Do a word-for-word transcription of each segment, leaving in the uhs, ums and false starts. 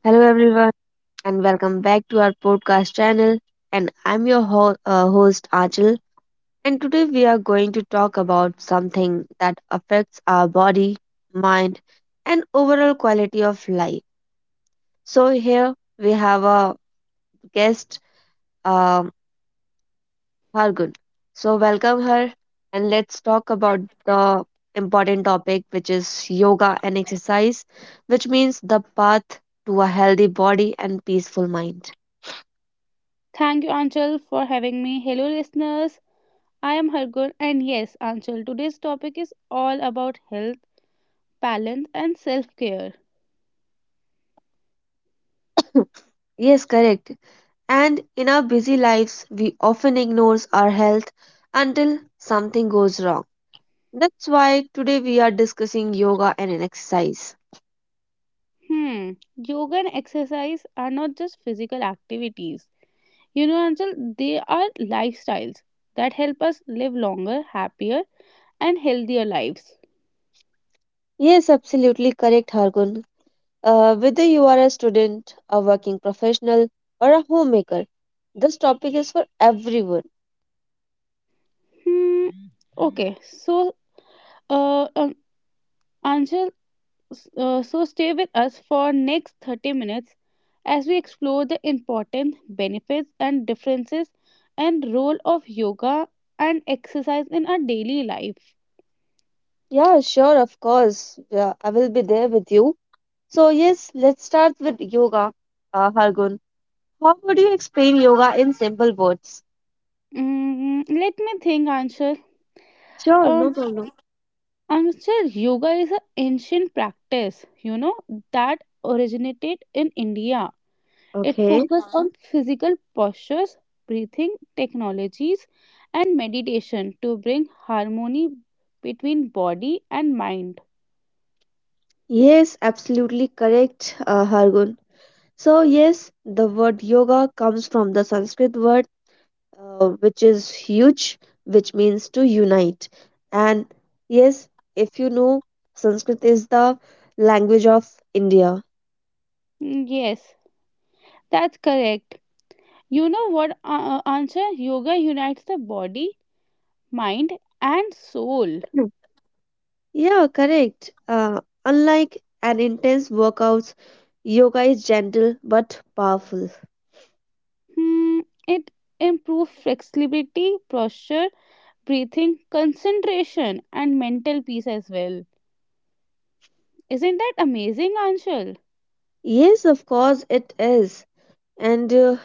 Hello, everyone, and welcome back to our podcast channel. And I'm your ho- uh, host, Achal. And today we are going to talk about something that affects our body, mind, and overall quality of life. So, here we have a guest, um, Hargun. So, welcome her, and let's talk about the important topic, which is yoga and exercise, which means the path to a healthy body and peaceful mind. Thank you, Anchal, for having me. Hello, listeners. I am Hargur, and yes, Anchal, today's topic is all about health, balance, and self care. Yes, correct. And in our busy lives, we often ignore our health until something goes wrong. That's why today we are discussing yoga and an exercise. Hmm, yoga and exercise are not just physical activities. You know, Anchal, they are lifestyles that help us live longer, happier, and healthier lives. Yes, absolutely correct, Hargun. Uh, whether you are a student, a working professional, or a homemaker, this topic is for everyone. Hmm, okay, so, uh, um, Anchal, S- uh, so stay with us for next thirty minutes as we explore the important benefits and differences and role of yoga and exercise in our daily life. Yeah, sure, of course. Yeah, I will be there with you. So, yes, let's start with yoga, uh, Hargun. How would you explain yoga in simple words? Mm, let me think, Anshul. Sure, Um, no problem. Anshul, yoga is an ancient practice, you know, that originated in India. It Okay. focuses on physical postures, breathing technologies, and meditation to bring harmony between body and mind. Yes, absolutely correct, uh, Hargun. So, yes, the word yoga comes from the Sanskrit word, uh, which is huge, which means to unite. And yes, if you know, Sanskrit is the language of India. Mm, Yes, that's correct. You know what, uh, Ansha? Yoga unites the body, mind, and soul. Yeah, correct. Uh, unlike an intense workouts, yoga is gentle but powerful. Hmm, it improves flexibility, posture, breathing, concentration, and mental peace as well. Isn't that amazing, Anshul? Yes, of course it is. And uh,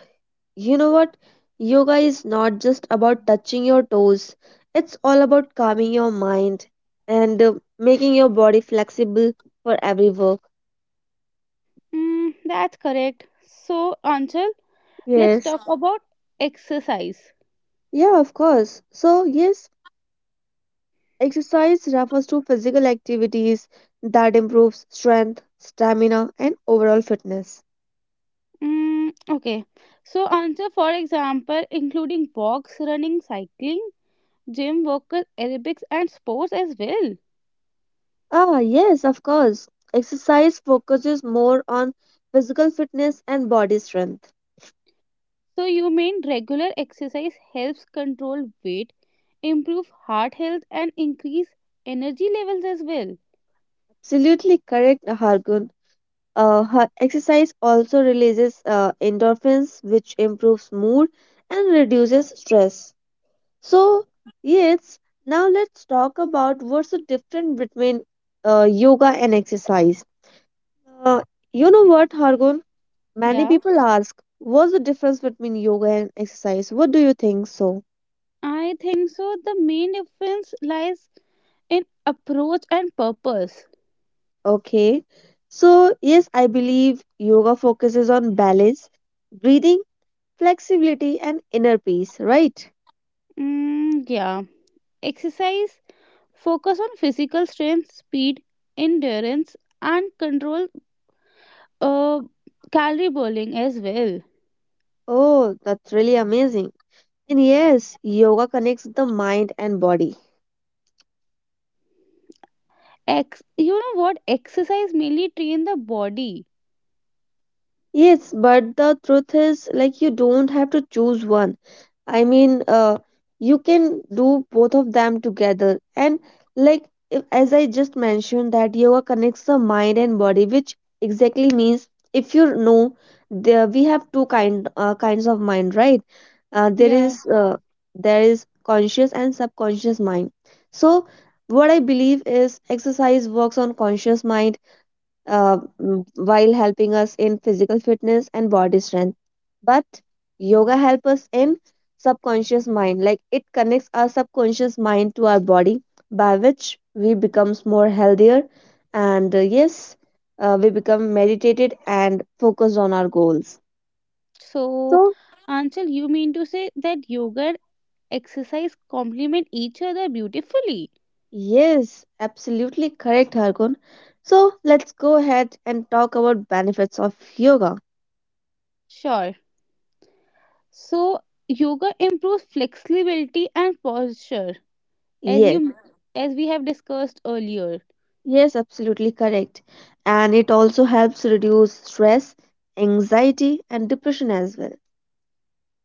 you know what? Yoga is not just about touching your toes. It's all about calming your mind and uh, making your body flexible for every work. Mm, that's correct. So, Anshul, let's Yes. talk uh about exercise. Yeah, of course. So, yes, exercise refers to physical activities that improves strength, stamina, and overall fitness. Mm, okay. So answer for example including walks, running, cycling, gym workers, aerobics and sports as well. Ah, yes, of course. Exercise focuses more on physical fitness and body strength. So you mean regular exercise helps control weight, improve heart health and increase energy levels as well. Absolutely correct, Hargun. Uh, ha- exercise also releases uh, endorphins, which improves mood and reduces stress. So, yes, now let's talk about what's the difference between uh, yoga and exercise. Uh, you know what, Hargun? Many Yeah. people ask, what's the difference between yoga and exercise? What do you think so? I think so the main difference lies in approach and purpose. Okay. So, yes, I believe yoga focuses on balance, breathing, flexibility, and inner peace, right? Mm, yeah. Exercise focus on physical strength, speed, endurance, and control uh, calorie burning as well. Oh, that's really amazing. And yes, yoga connects the mind and body. Ex- you know what? Exercise mainly train the body. Yes, but the truth is, like, you don't have to choose one. I mean, uh, you can do both of them together. And, like, if, as I just mentioned, that yoga connects the mind and body, which exactly means if you know, there we have two kind uh, kinds of mind, right? Uh, there Yeah. is uh, there is conscious and subconscious mind. So, what I believe is exercise works on conscious mind, uh, mm, while helping us in physical fitness and body strength. But yoga helps us in subconscious mind, like it connects our subconscious mind to our body, by which we becomes more healthier, and uh, yes, uh, we become meditated and focused on our goals. So, So Anchal, you mean to say that yoga and exercise complement each other beautifully? yes, absolutely correct, Harkon. So let's go ahead and talk about benefits of yoga. Sure. So, yoga improves flexibility and posture, as Yes. you as we have discussed earlier. Yes, absolutely correct. And it also helps reduce stress, anxiety, and depression as well.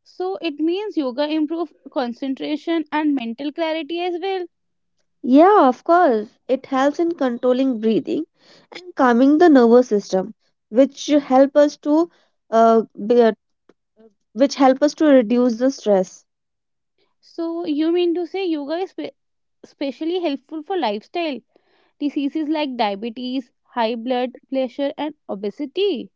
So it means yoga improve concentration and mental clarity as well. Yeah, of course. It helps in controlling breathing and calming the nervous system, which help us to uh, be, uh, which help us to reduce the stress. So you mean to say yoga is spe- especially helpful for lifestyle diseases like diabetes, high blood pressure and obesity.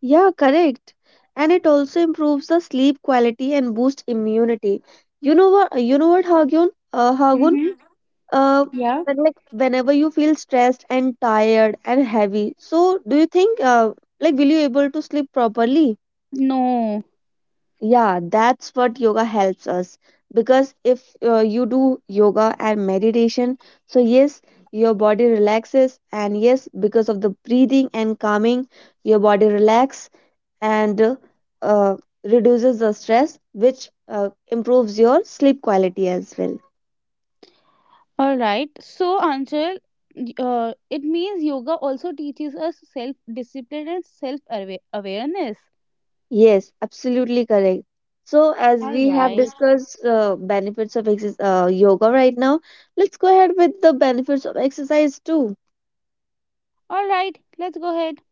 Yeah, correct. And it also improves the sleep quality and boosts immunity. You know what? You know what, Hagun? Uh, Hagun? uh, but like whenever you feel stressed and tired and heavy, so do you think, uh, like, will you able to sleep properly? No. Yeah, that's what yoga helps us, because if uh, you do yoga and meditation, so yes, your body relaxes, and yes, because of the breathing and calming, your body relax, and uh, uh, reduces the stress, which uh, improves your sleep quality as well. All right. So Anshul, y- uh, it means yoga also teaches us self discipline and self awareness. Yes, absolutely correct. So, as we have discussed uh, benefits of exercise, uh, yoga right now, let's go ahead with the benefits of exercise too. All right, let's go ahead.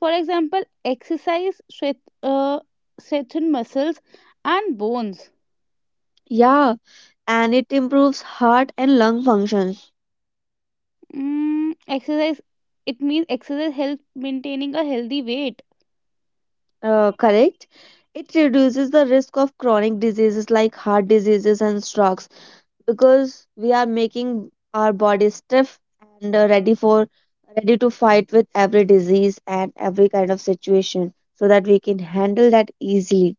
For example, exercise strength, uh, strengthen muscles and bones. Yeah, and it improves heart and lung functions, Mm, exercise It means exercise help maintaining a healthy weight. uh, correct? It reduces the risk of chronic diseases like heart diseases and strokes, because we are making our body stiff and uh, ready for ready to fight with every disease and every kind of situation, so that we can handle that easily.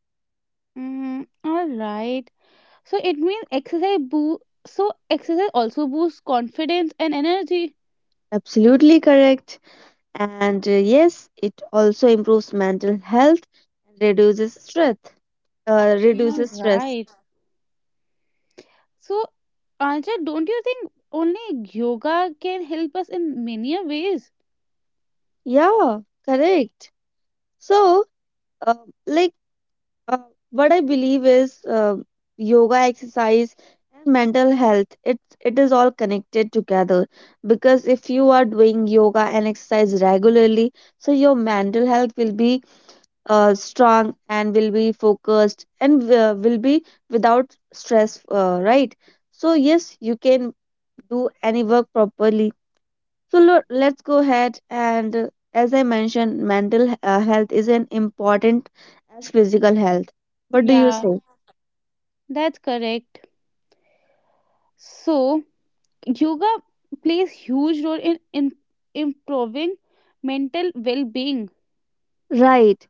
Mm, all right. So it means exercise boo. So exercise also boosts confidence and energy. Absolutely correct. And uh, yes, it also improves mental health and reduces stress. Uh, All Reduces stress. right. So Anja, don't you think only yoga can help us in many a ways? Yeah, correct. So, uh, like, uh, what I believe is uh, yoga, exercise, and mental health. It it is all connected together, because if you are doing yoga and exercise regularly, so your mental health will be uh, strong and will be focused and uh, will be without stress, uh, right? So, yes, you can do any work properly. So, lo- let's go ahead, and uh, as I mentioned, mental uh, health is an important as physical health. What do you Yeah, say? that's correct. So yoga plays huge role in, in improving mental well-being. Right.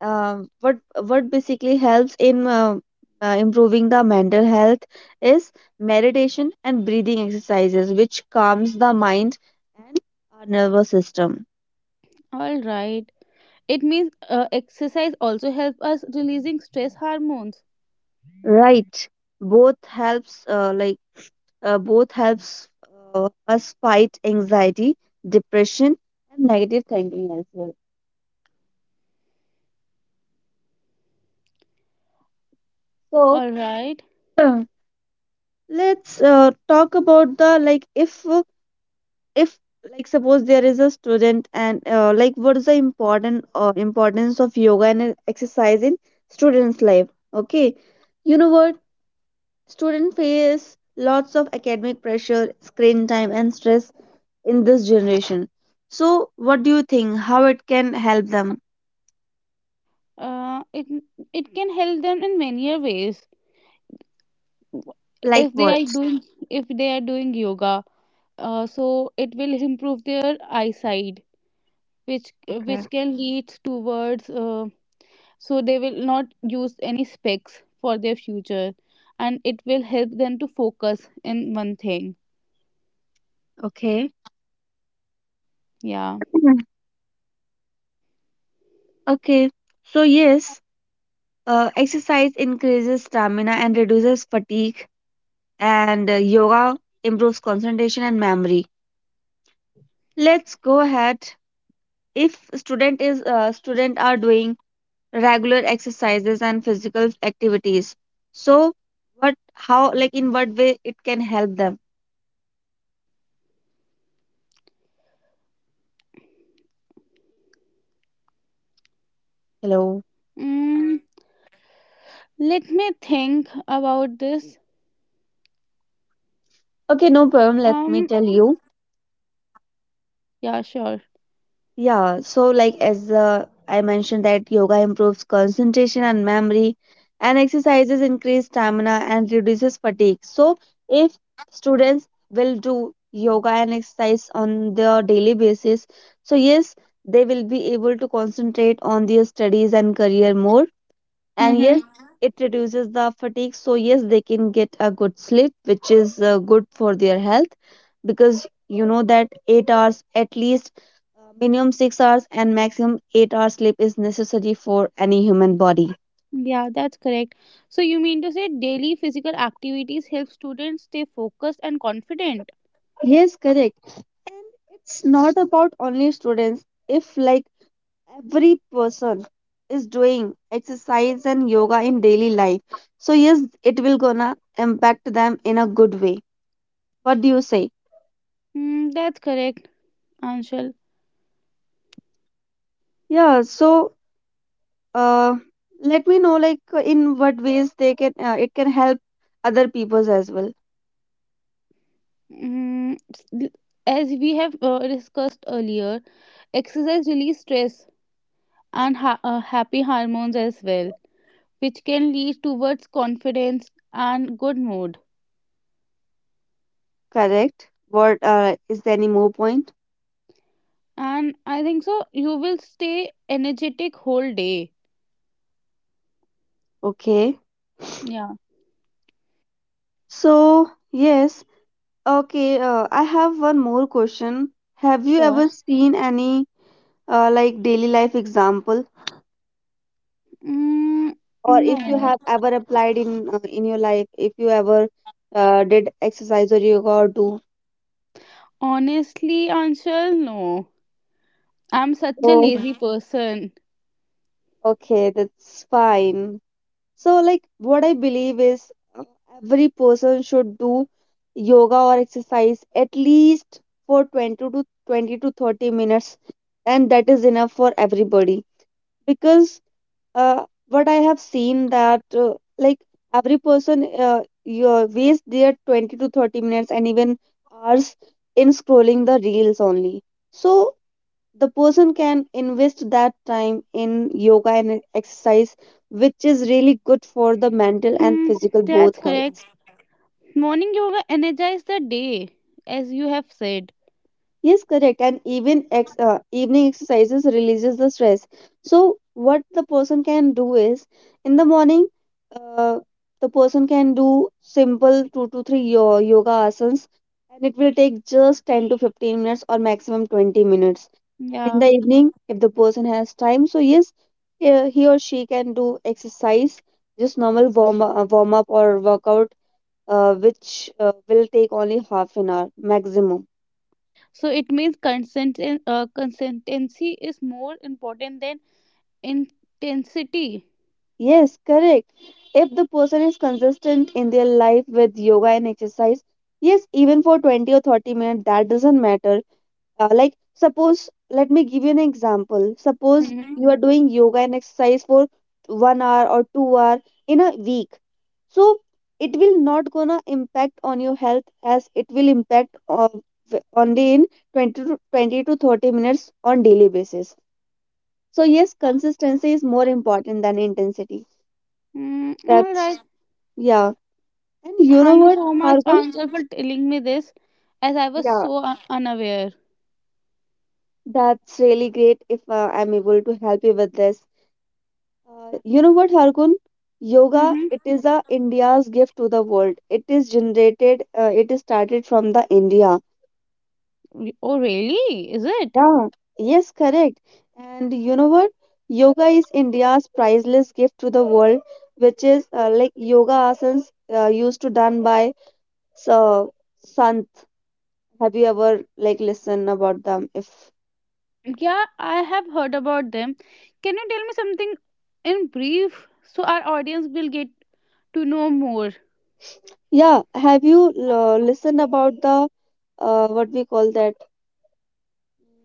Um, what what basically helps in uh, uh, improving the mental health is meditation and breathing exercises, which calms the mind and our nervous system. All right, it means uh, exercise also help us releasing stress hormones. Right. Both helps uh, like uh, both helps uh, us fight anxiety, depression, and negative thinking as well. So All right, let's uh, talk about the, like, if uh, if like suppose there is a student, and uh, like, what is the important uh, importance of yoga and exercise in students' life? Okay, you know what? Students face lots of academic pressure, screen time, and stress in this generation. So, what do you think? How it can help them? uh, it it can help them in many a ways. Like if they what? are doing if they are doing yoga, uh, so it will improve their eyesight, which Okay. which can lead towards um so they will not use any specs for their future, and it will help them to focus in one thing. Okay. Yeah. Mhm. Okay, so yes, uh, exercise increases stamina and reduces fatigue, and uh, yoga improves concentration and memory. Let's go ahead. If student is uh, student are doing regular exercises and physical activities. So, what, how, like, in what way it can help them? Hello. mm, Let me think about this. Okay, no problem. Let me um tell you. yeah, sure. Yeah, so, like, as uh, I mentioned, that yoga improves concentration and memory, and exercises increase stamina and reduces fatigue. So, if students will do yoga and exercise on their daily basis, so yes, they will be able to concentrate on their studies and career more, and yes, Mm-hmm. it reduces the fatigue, so yes, they can get a good sleep, which is uh, good for their health, because you know that eight hours at least, uh, minimum six hours and maximum eight hours sleep is necessary for any human body. Yeah, that's correct. So you mean to say daily physical activities help students stay focused and confident. Yes, correct. And it's not about only students. If like every person is doing exercise and yoga in daily life, so yes, it will gonna impact them in a good way. What do you say? Mm, that's correct, Anshul. Yeah, so uh, let me know, like, uh, in what ways they can uh, it can help other peoples as well. mm, s- as we have uh, discussed earlier, exercise release stress and ha- uh, happy hormones as well, which can lead towards confidence and good mood. Correct, what, uh, is there any more point? And I think so, you will stay energetic whole day. Okay, Yeah, so yes. Okay, uh, I have one more question. Have you sure. ever seen any uh, like daily life example, Mm, or no, if you have ever applied in uh, in your life, if you ever uh, did exercise or yoga or do. honestly, Anshul, no. I'm such a Oh, lazy person. okay, that's fine. So, like, what I believe is, uh, every person should do yoga or exercise at least for twenty to twenty to thirty minutes, and that is enough for everybody. Because uh, what I have seen, that uh, like, every person, uh, you waste their twenty to thirty minutes and even hours in scrolling the reels only. So the person can invest that time in yoga and exercise, which is really good for the mental and Hmm, physical that's both correct. health. Morning yoga energize the day, as you have said. Yes, correct. And even ex- uh, evening exercises releases the stress. So what the person can do is in the morning, uh, the person can do simple two to three yo- yoga asanas, and it will take just ten to fifteen minutes or maximum twenty minutes. And in Yeah. the evening, if the person has time, so yes, he he or she can do exercise, just normal warm uh, warm up or workout, uh, which uh, will take only half an hour maximum. So it means consent uh, consistency is more important than intensity. Yes, correct. If the person is consistent in their life with yoga and exercise, yes, even for twenty or thirty minutes, that doesn't matter. Uh, like, suppose, let me give you an example. Suppose Mm-hmm. you are doing yoga and exercise for one hour or two hour in a week. So, it will not gonna impact on your health as it will impact on, only in twenty to, twenty to thirty minutes on daily basis. So, yes, consistency is more important than intensity. Mm, all That's right. Yeah, and you know Thank you what, so much, Argun? Anshul, for telling me this, as I was Yeah, so un- unaware. that's really great if uh, I'm able to help you with this. Uh, you know what, Argun? Yoga, Mm-hmm. it is a India's gift to the world. It is generated, uh, it is started from the India. Oh, really? Is it? Yeah, yes, correct. And you know what? Yoga is India's priceless gift to the world, which is uh, like yoga asanas uh, used to done by so, Sant. Have you ever like listened about them? If. Yeah, I have heard about them. Can you tell me something in brief so our audience will get to know more? Yeah, have you uh, listened about the uh, what we call that?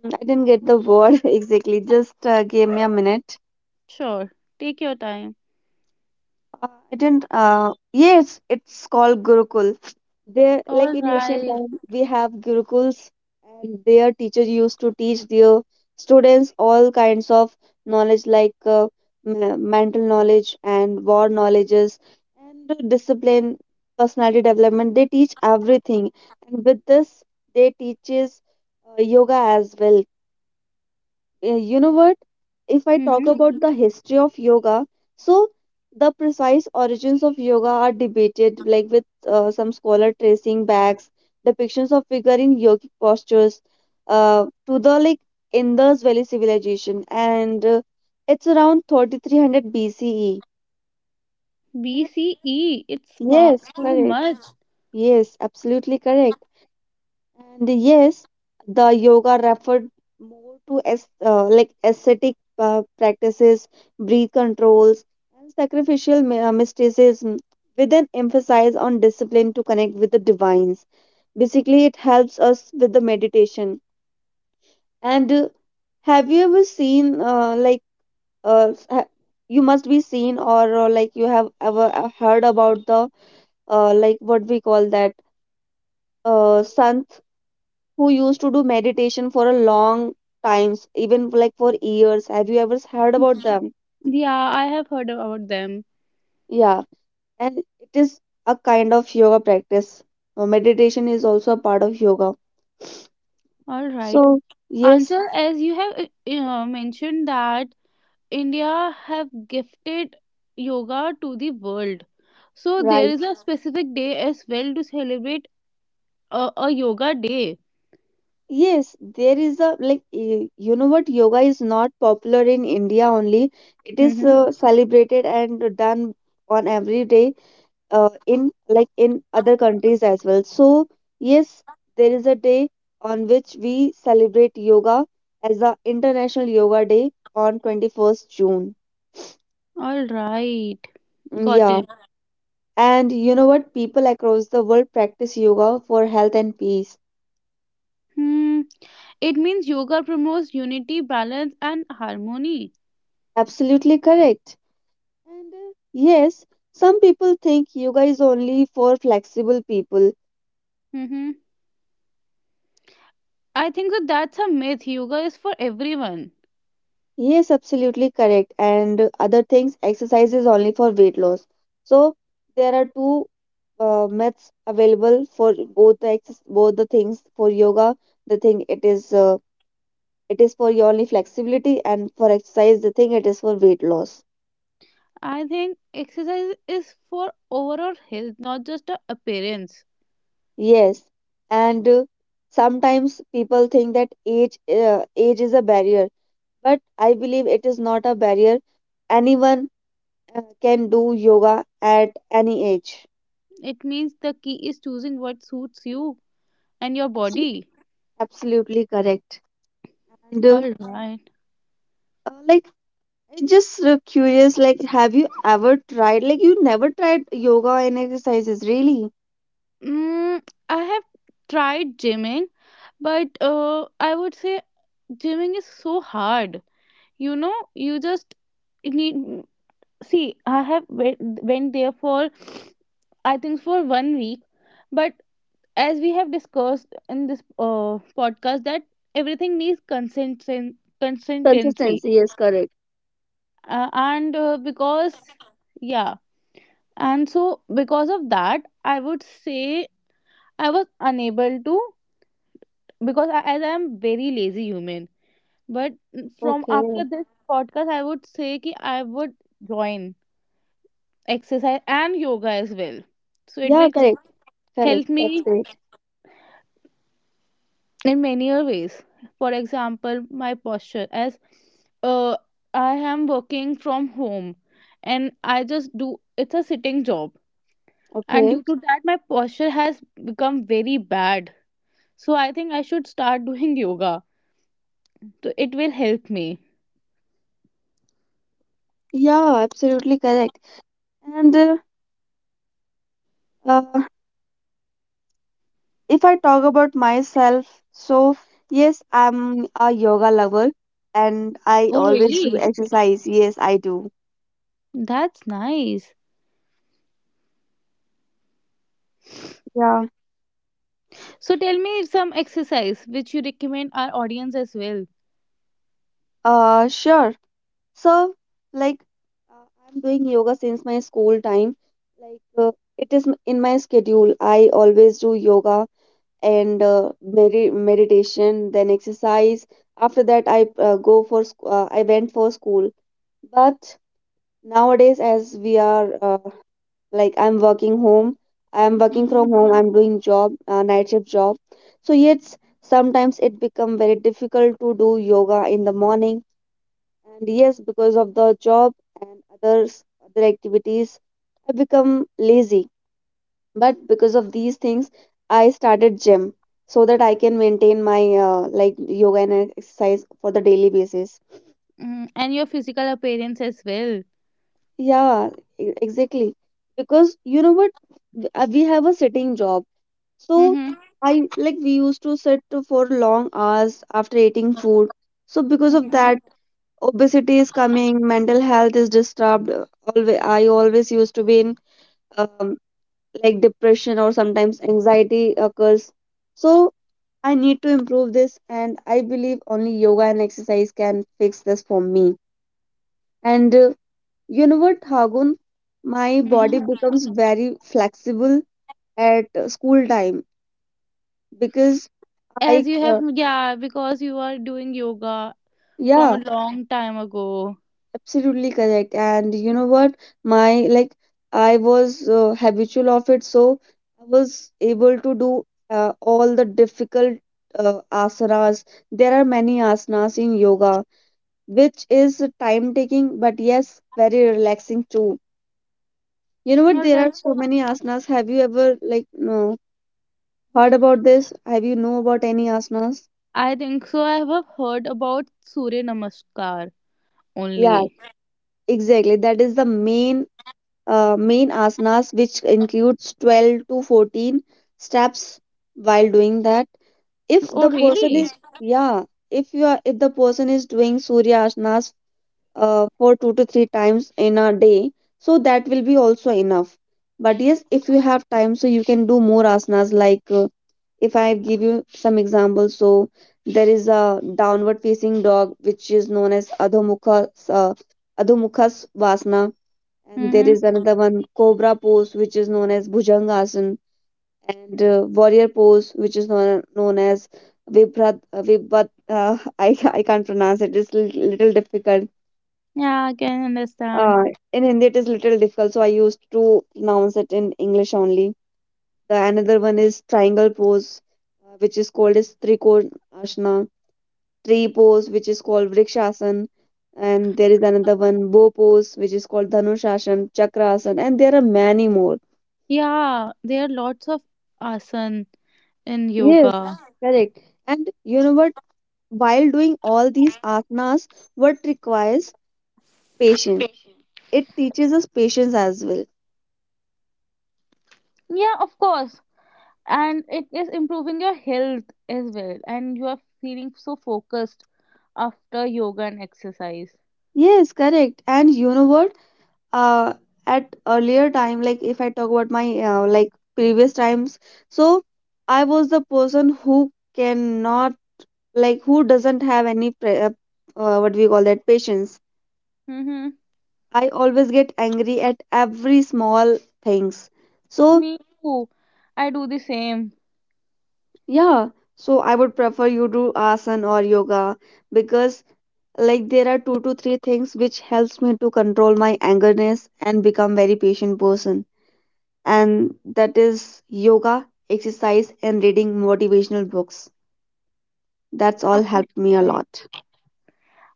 Mm, I didn't get the word exactly. Just uh, give me a minute. Sure. Take your time. Uh, I didn't. Uh, yes, it's called Gurukul. There, like All in ancient right. time, we have Gurukuls, and their teachers used to teach their students all kinds of knowledge, like uh, m- mental knowledge and war knowledges and discipline, personality development. They teach everything, and with this, they teaches uh, yoga as well. Uh, you know what? If I talk Mm-hmm. about the history of yoga, so the precise origins of yoga are debated, like with uh, some scholar tracing backs, depictions of figure in yogic postures uh, to the like Indus Valley civilization, and uh, it's around thirty-three hundred B C E. B C E. It's fa- Yes, so correct. much. Yes, absolutely correct. And yes, the yoga referred more to as uh, like ascetic uh, practices, breath controls, and sacrificial my- uh, mysticism, with an emphasis on discipline to connect with the divines. Basically, it helps us with the meditation. And uh, have you ever seen uh, like uh, s- ha- you must be seen or, uh, like you have ever uh, heard about the uh, like what we call that uh, sant who used to do meditation for a long times, even like for years. Have you ever heard about them? Yeah, I have heard about them. Yeah, and it is a kind of yoga practice. Uh, Meditation is also a part of yoga. All right. So, yes, Anchal, as you have uh, uh, mentioned that India have gifted yoga to the world. So there is right. a specific day as well to celebrate a, a yoga day. Yes, there is a like y- you know what, yoga is not popular in India only. It is Mhm. uh, celebrated and done on every day uh, in like in other countries as well, so yes, there is a day on which we celebrate yoga as the international yoga day on twenty-first june. All right, Mm, got yeah. it. And you know what, people across the world practice yoga for health and peace. Hmm. It means yoga promotes unity, balance, and harmony. Absolutely correct. And uh, yes, some people think yoga is only for flexible people. Hmm, I think that that's a myth. Yoga is for everyone. Yes, absolutely correct. And other things, exercise is only for weight loss. So there are two uh, myths available for both the ex- both the things for yoga. The thing it is uh, it is for your only flexibility, and for exercise, the thing it is for weight loss. I think exercise is for overall health, not just a appearance. Yes, and uh, sometimes people think that age uh, age is a barrier, but I believe it is not a barrier. Anyone uh, can do yoga at any age. It means the key is choosing what suits you and your body. Absolutely correct. And uh, All right. uh, like, I just uh, curious, like, have you ever tried, like, you never tried yoga and exercises, really? Mm, I have tried gymming, but uh, I would say gymming is so hard. You know, you just need. See, I have went, went there for, I think, for one week. But as we have discussed in this uh, podcast, that everything needs consisten- consistency. Consistency, yes, correct. Uh, and uh, Because, yeah, and so because of that, I would say I was unable to, because I, as I am very lazy human. But from Okay. after this podcast, I would say that I would join exercise and yoga as well. So it Yeah, will correct. Correct. help That's me great. in many other ways. For example, my posture, as uh, I am working from home and I just do, it's a sitting job, and Okay. due to that my posture has become very bad. So I think I should start doing yoga. So it will help me. Yeah, absolutely correct. And uh, uh, if I talk about myself, so yes, I'm a yoga lover and I Oh always do really? exercise. Yes, I do. That's nice. Yeah. So tell me some exercise which you recommend our audience as well. Uh, sure. So, like, uh, I'm doing yoga since my school time. Like, uh, it is m- in my schedule. I always do yoga and uh, medi meditation, then exercise. After that, I uh, go for sc- uh, I went for school. But nowadays, as we are uh, like, I'm working home. I'm working from Mhm. home. I'm doing job, uh, night shift job. So yet sometimes it become very difficult to do yoga in the morning, and yes, because of the job and others other activities, I become lazy. But because of these things, I started gym so that I can maintain my uh, like yoga and exercise for the daily basis. Mm, and your physical appearance as well. Yeah, e- exactly. Because you know what, W- uh, we have a sitting job, so Mm-hmm. I like we used to sit for long hours after eating food. So because of Mm-hmm. that, obesity is coming, mental health is disturbed. always i always used to be in um, like depression, or sometimes anxiety occurs. So I need to improve this, and I believe only yoga and exercise can fix this for me. And uh, you know what, Hagun, my body becomes very flexible at uh, school time because I As you have, uh, yeah, because you are doing yoga from a yeah. long time ago. Absolutely correct. And you know what? My like I was uh, habitual of it, so I was able to do uh, all the difficult uh, asanas. There are many asanas in yoga, which is time taking, but yes, very relaxing too. You know what? All There are right. so many asanas. Have you ever like no heard about this? Have you know about any asanas? I think so. I have heard about Surya Namaskar Yeah, only. exactly. That is the main uh, main asanas, which includes twelve to fourteen steps while doing that. If Oh, the person really? is, yeah, If you are, if the person is doing Surya asanas uh, for two to three times in a day, so that will be also enough. But yes, if you have time, so you can do more asanas. Like uh, if I give you some examples, so there is a downward facing dog, which is known as Adhomukha, uh, Adhomukha Svasana, and there is Mm-hmm. another one, Cobra pose, which is known as Bhujangasana, and uh, Warrior pose, which is known, known as Vibhrat, uh, Vibhat, uh, I, I can't pronounce it, it's little, little difficult. Yeah, I can understand. Uh, in Hindi, it is little difficult, so I used to pronounce it in English only. The another one is Triangle pose, uh, which is called as Trikonasana, Tree pose, which is called Vrikshasana, and there is another one, Bow pose, which is called Dhanushasana, Chakrasana, and there are many more. Yeah, there are lots of asan in Yes, yoga. correct. And you know what? While doing all these asanas, what requires patience? It teaches us patience as well. Yeah, of course. And it is improving your health as well. And you are feeling so focused after yoga and exercise. Yes, correct. And you know what? Uh, at earlier time, like if I talk about my uh, like previous times, so I was the person who cannot, like who doesn't have any pre- uh, uh, what we call that, patience. Mm-hmm. I always get angry at every small things. So Me too. I do the same. yeah, so I would prefer you do asana or yoga, because like there are two to three things which helps me to control my angerness and become very patient person. And that is yoga, exercise and reading motivational books. That's all helped me a Alright. lot.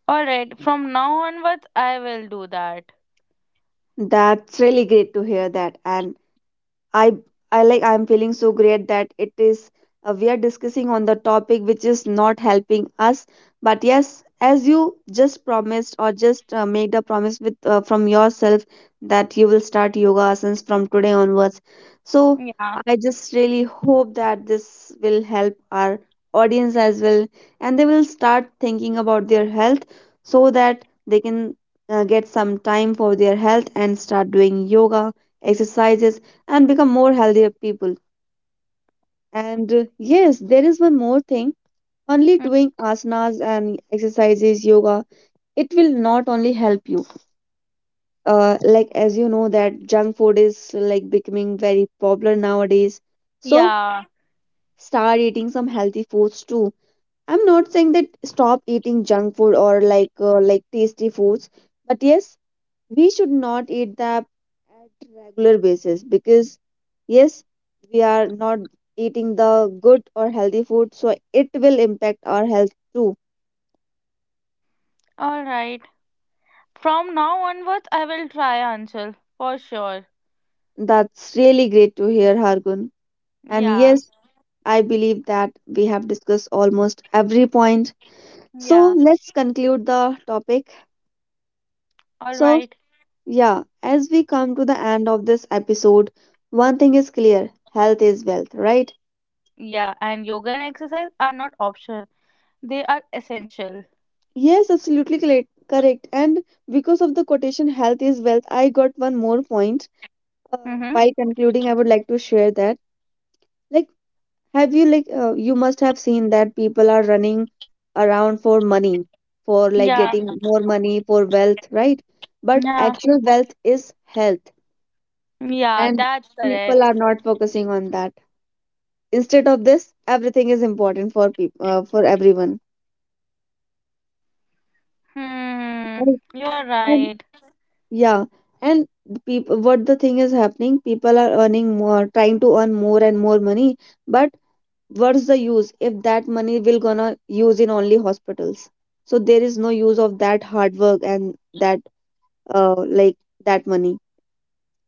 Alright, from now onwards, I will do that. That's really great to hear that. And I I like I'm feeling so great that it is uh, we are discussing on the topic which is not helping us. But yes, as you just promised or just uh, made a promise with uh, from yourself that you will start yoga asanas from today onwards. So Yeah. I just really hope that this will help our audience as well, and they will start thinking about their health so that they can uh, get some time for their health and start doing yoga exercises and become more healthier people. And uh, yes, there is one more thing. Only Mm. doing asanas and exercises, yoga, it will not only help you. Uh, like as you know that junk food is like becoming very popular nowadays. So Yeah. start eating some healthy foods too. I'm not saying that stop eating junk food or like uh, like tasty foods, but yes, we should not eat that at regular basis, because yes, we are not eating the good or healthy food, so it will impact our health too. Alright. From now onwards, I will try Anshul for sure. That's really great to hear, Hargun. And Yeah. yes, I believe that we have discussed almost every point, so Yeah. let's conclude the topic. So Alright. yeah, as we come to the end of this episode, one thing is clear: health is wealth, right? Yeah. And yoga and exercise are not optional, they are essential. Yes, absolutely correct. Correct. And because of the quotation, health is wealth, I got one more point. Uh, Mm-hmm. By concluding, I would like to share that. Like, have you, like, uh, you must have seen that people are running around for money, for like Yeah, getting more money, for wealth, right? But yeah, actual wealth is health, yeah, and that's people correct. are not focusing on that. Instead of this, everything is important for people, uh, for everyone. Hmm, you're Right. right. Yeah, and people, what the thing is happening, people are earning more, trying to earn more and more money, but what's the use if that money will gonna use in only hospitals? So there is no use of that hard work and that uh like that money,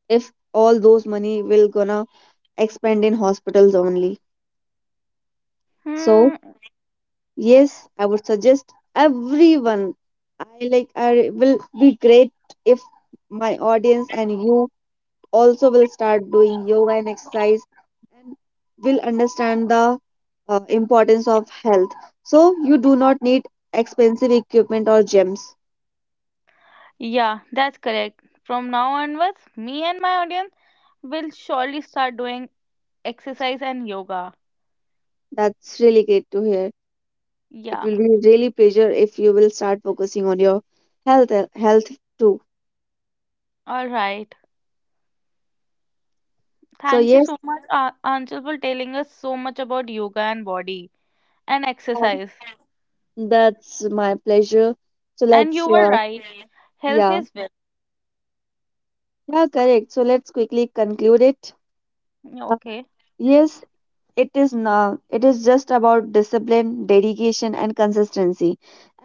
if all those money will gonna expend in hospitals only. So Hmm, yes, I would suggest everyone. I like I will be great if my audience and you also will start doing yoga and exercise and will understand the uh, importance of health. So you do not need expensive equipment or gyms. yeah, that's correct. From now onwards, me and my audience will surely start doing exercise and yoga. That's really great to hear. It Yeah, will be really pleasure if you will start focusing on your health uh, health too. all right. So Thank you yes, so much, A- Anchal, for telling us so much about yoga and body and uh, exercise. that's my pleasure. So And you let's were uh, right. Health yeah, is wealth. yeah, correct. So let's quickly conclude it. Yeah, Uh, okay. yes, it is not. It is just about discipline, dedication, and consistency.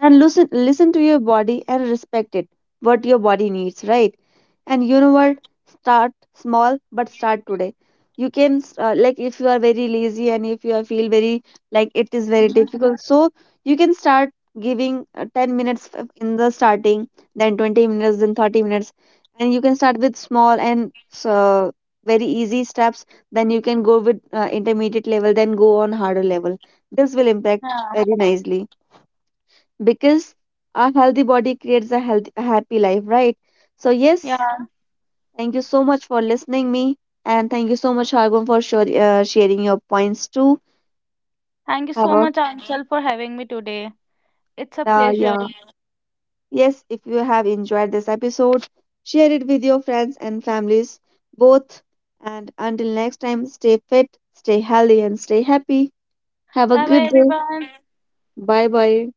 And listen, listen to your body and respect it. What your body needs, right? And you know what? Start small, but start today. You can uh, like if you are very lazy and if you are feel very like it is very Mhm. difficult. So you can start giving uh, ten minutes f- in the starting, then twenty minutes, then thirty minutes, and you can start with small and uh, very easy steps, then you can go with uh, intermediate level, then go on harder level. This will impact very nicely, because a healthy body creates a healthy, a happy life, right? So yes, Yeah. thank you so much for listening me, and thank you so much Hargun for sure, uh, sharing your points too. Thank you Have so a much, Anchal, for having me today. It's a uh, pleasure. yeah, yes, if you have enjoyed this episode, share it with your friends and families both, and until next time, stay fit, stay healthy and stay happy. Have a Bye bye, good day. everyone. Bye bye.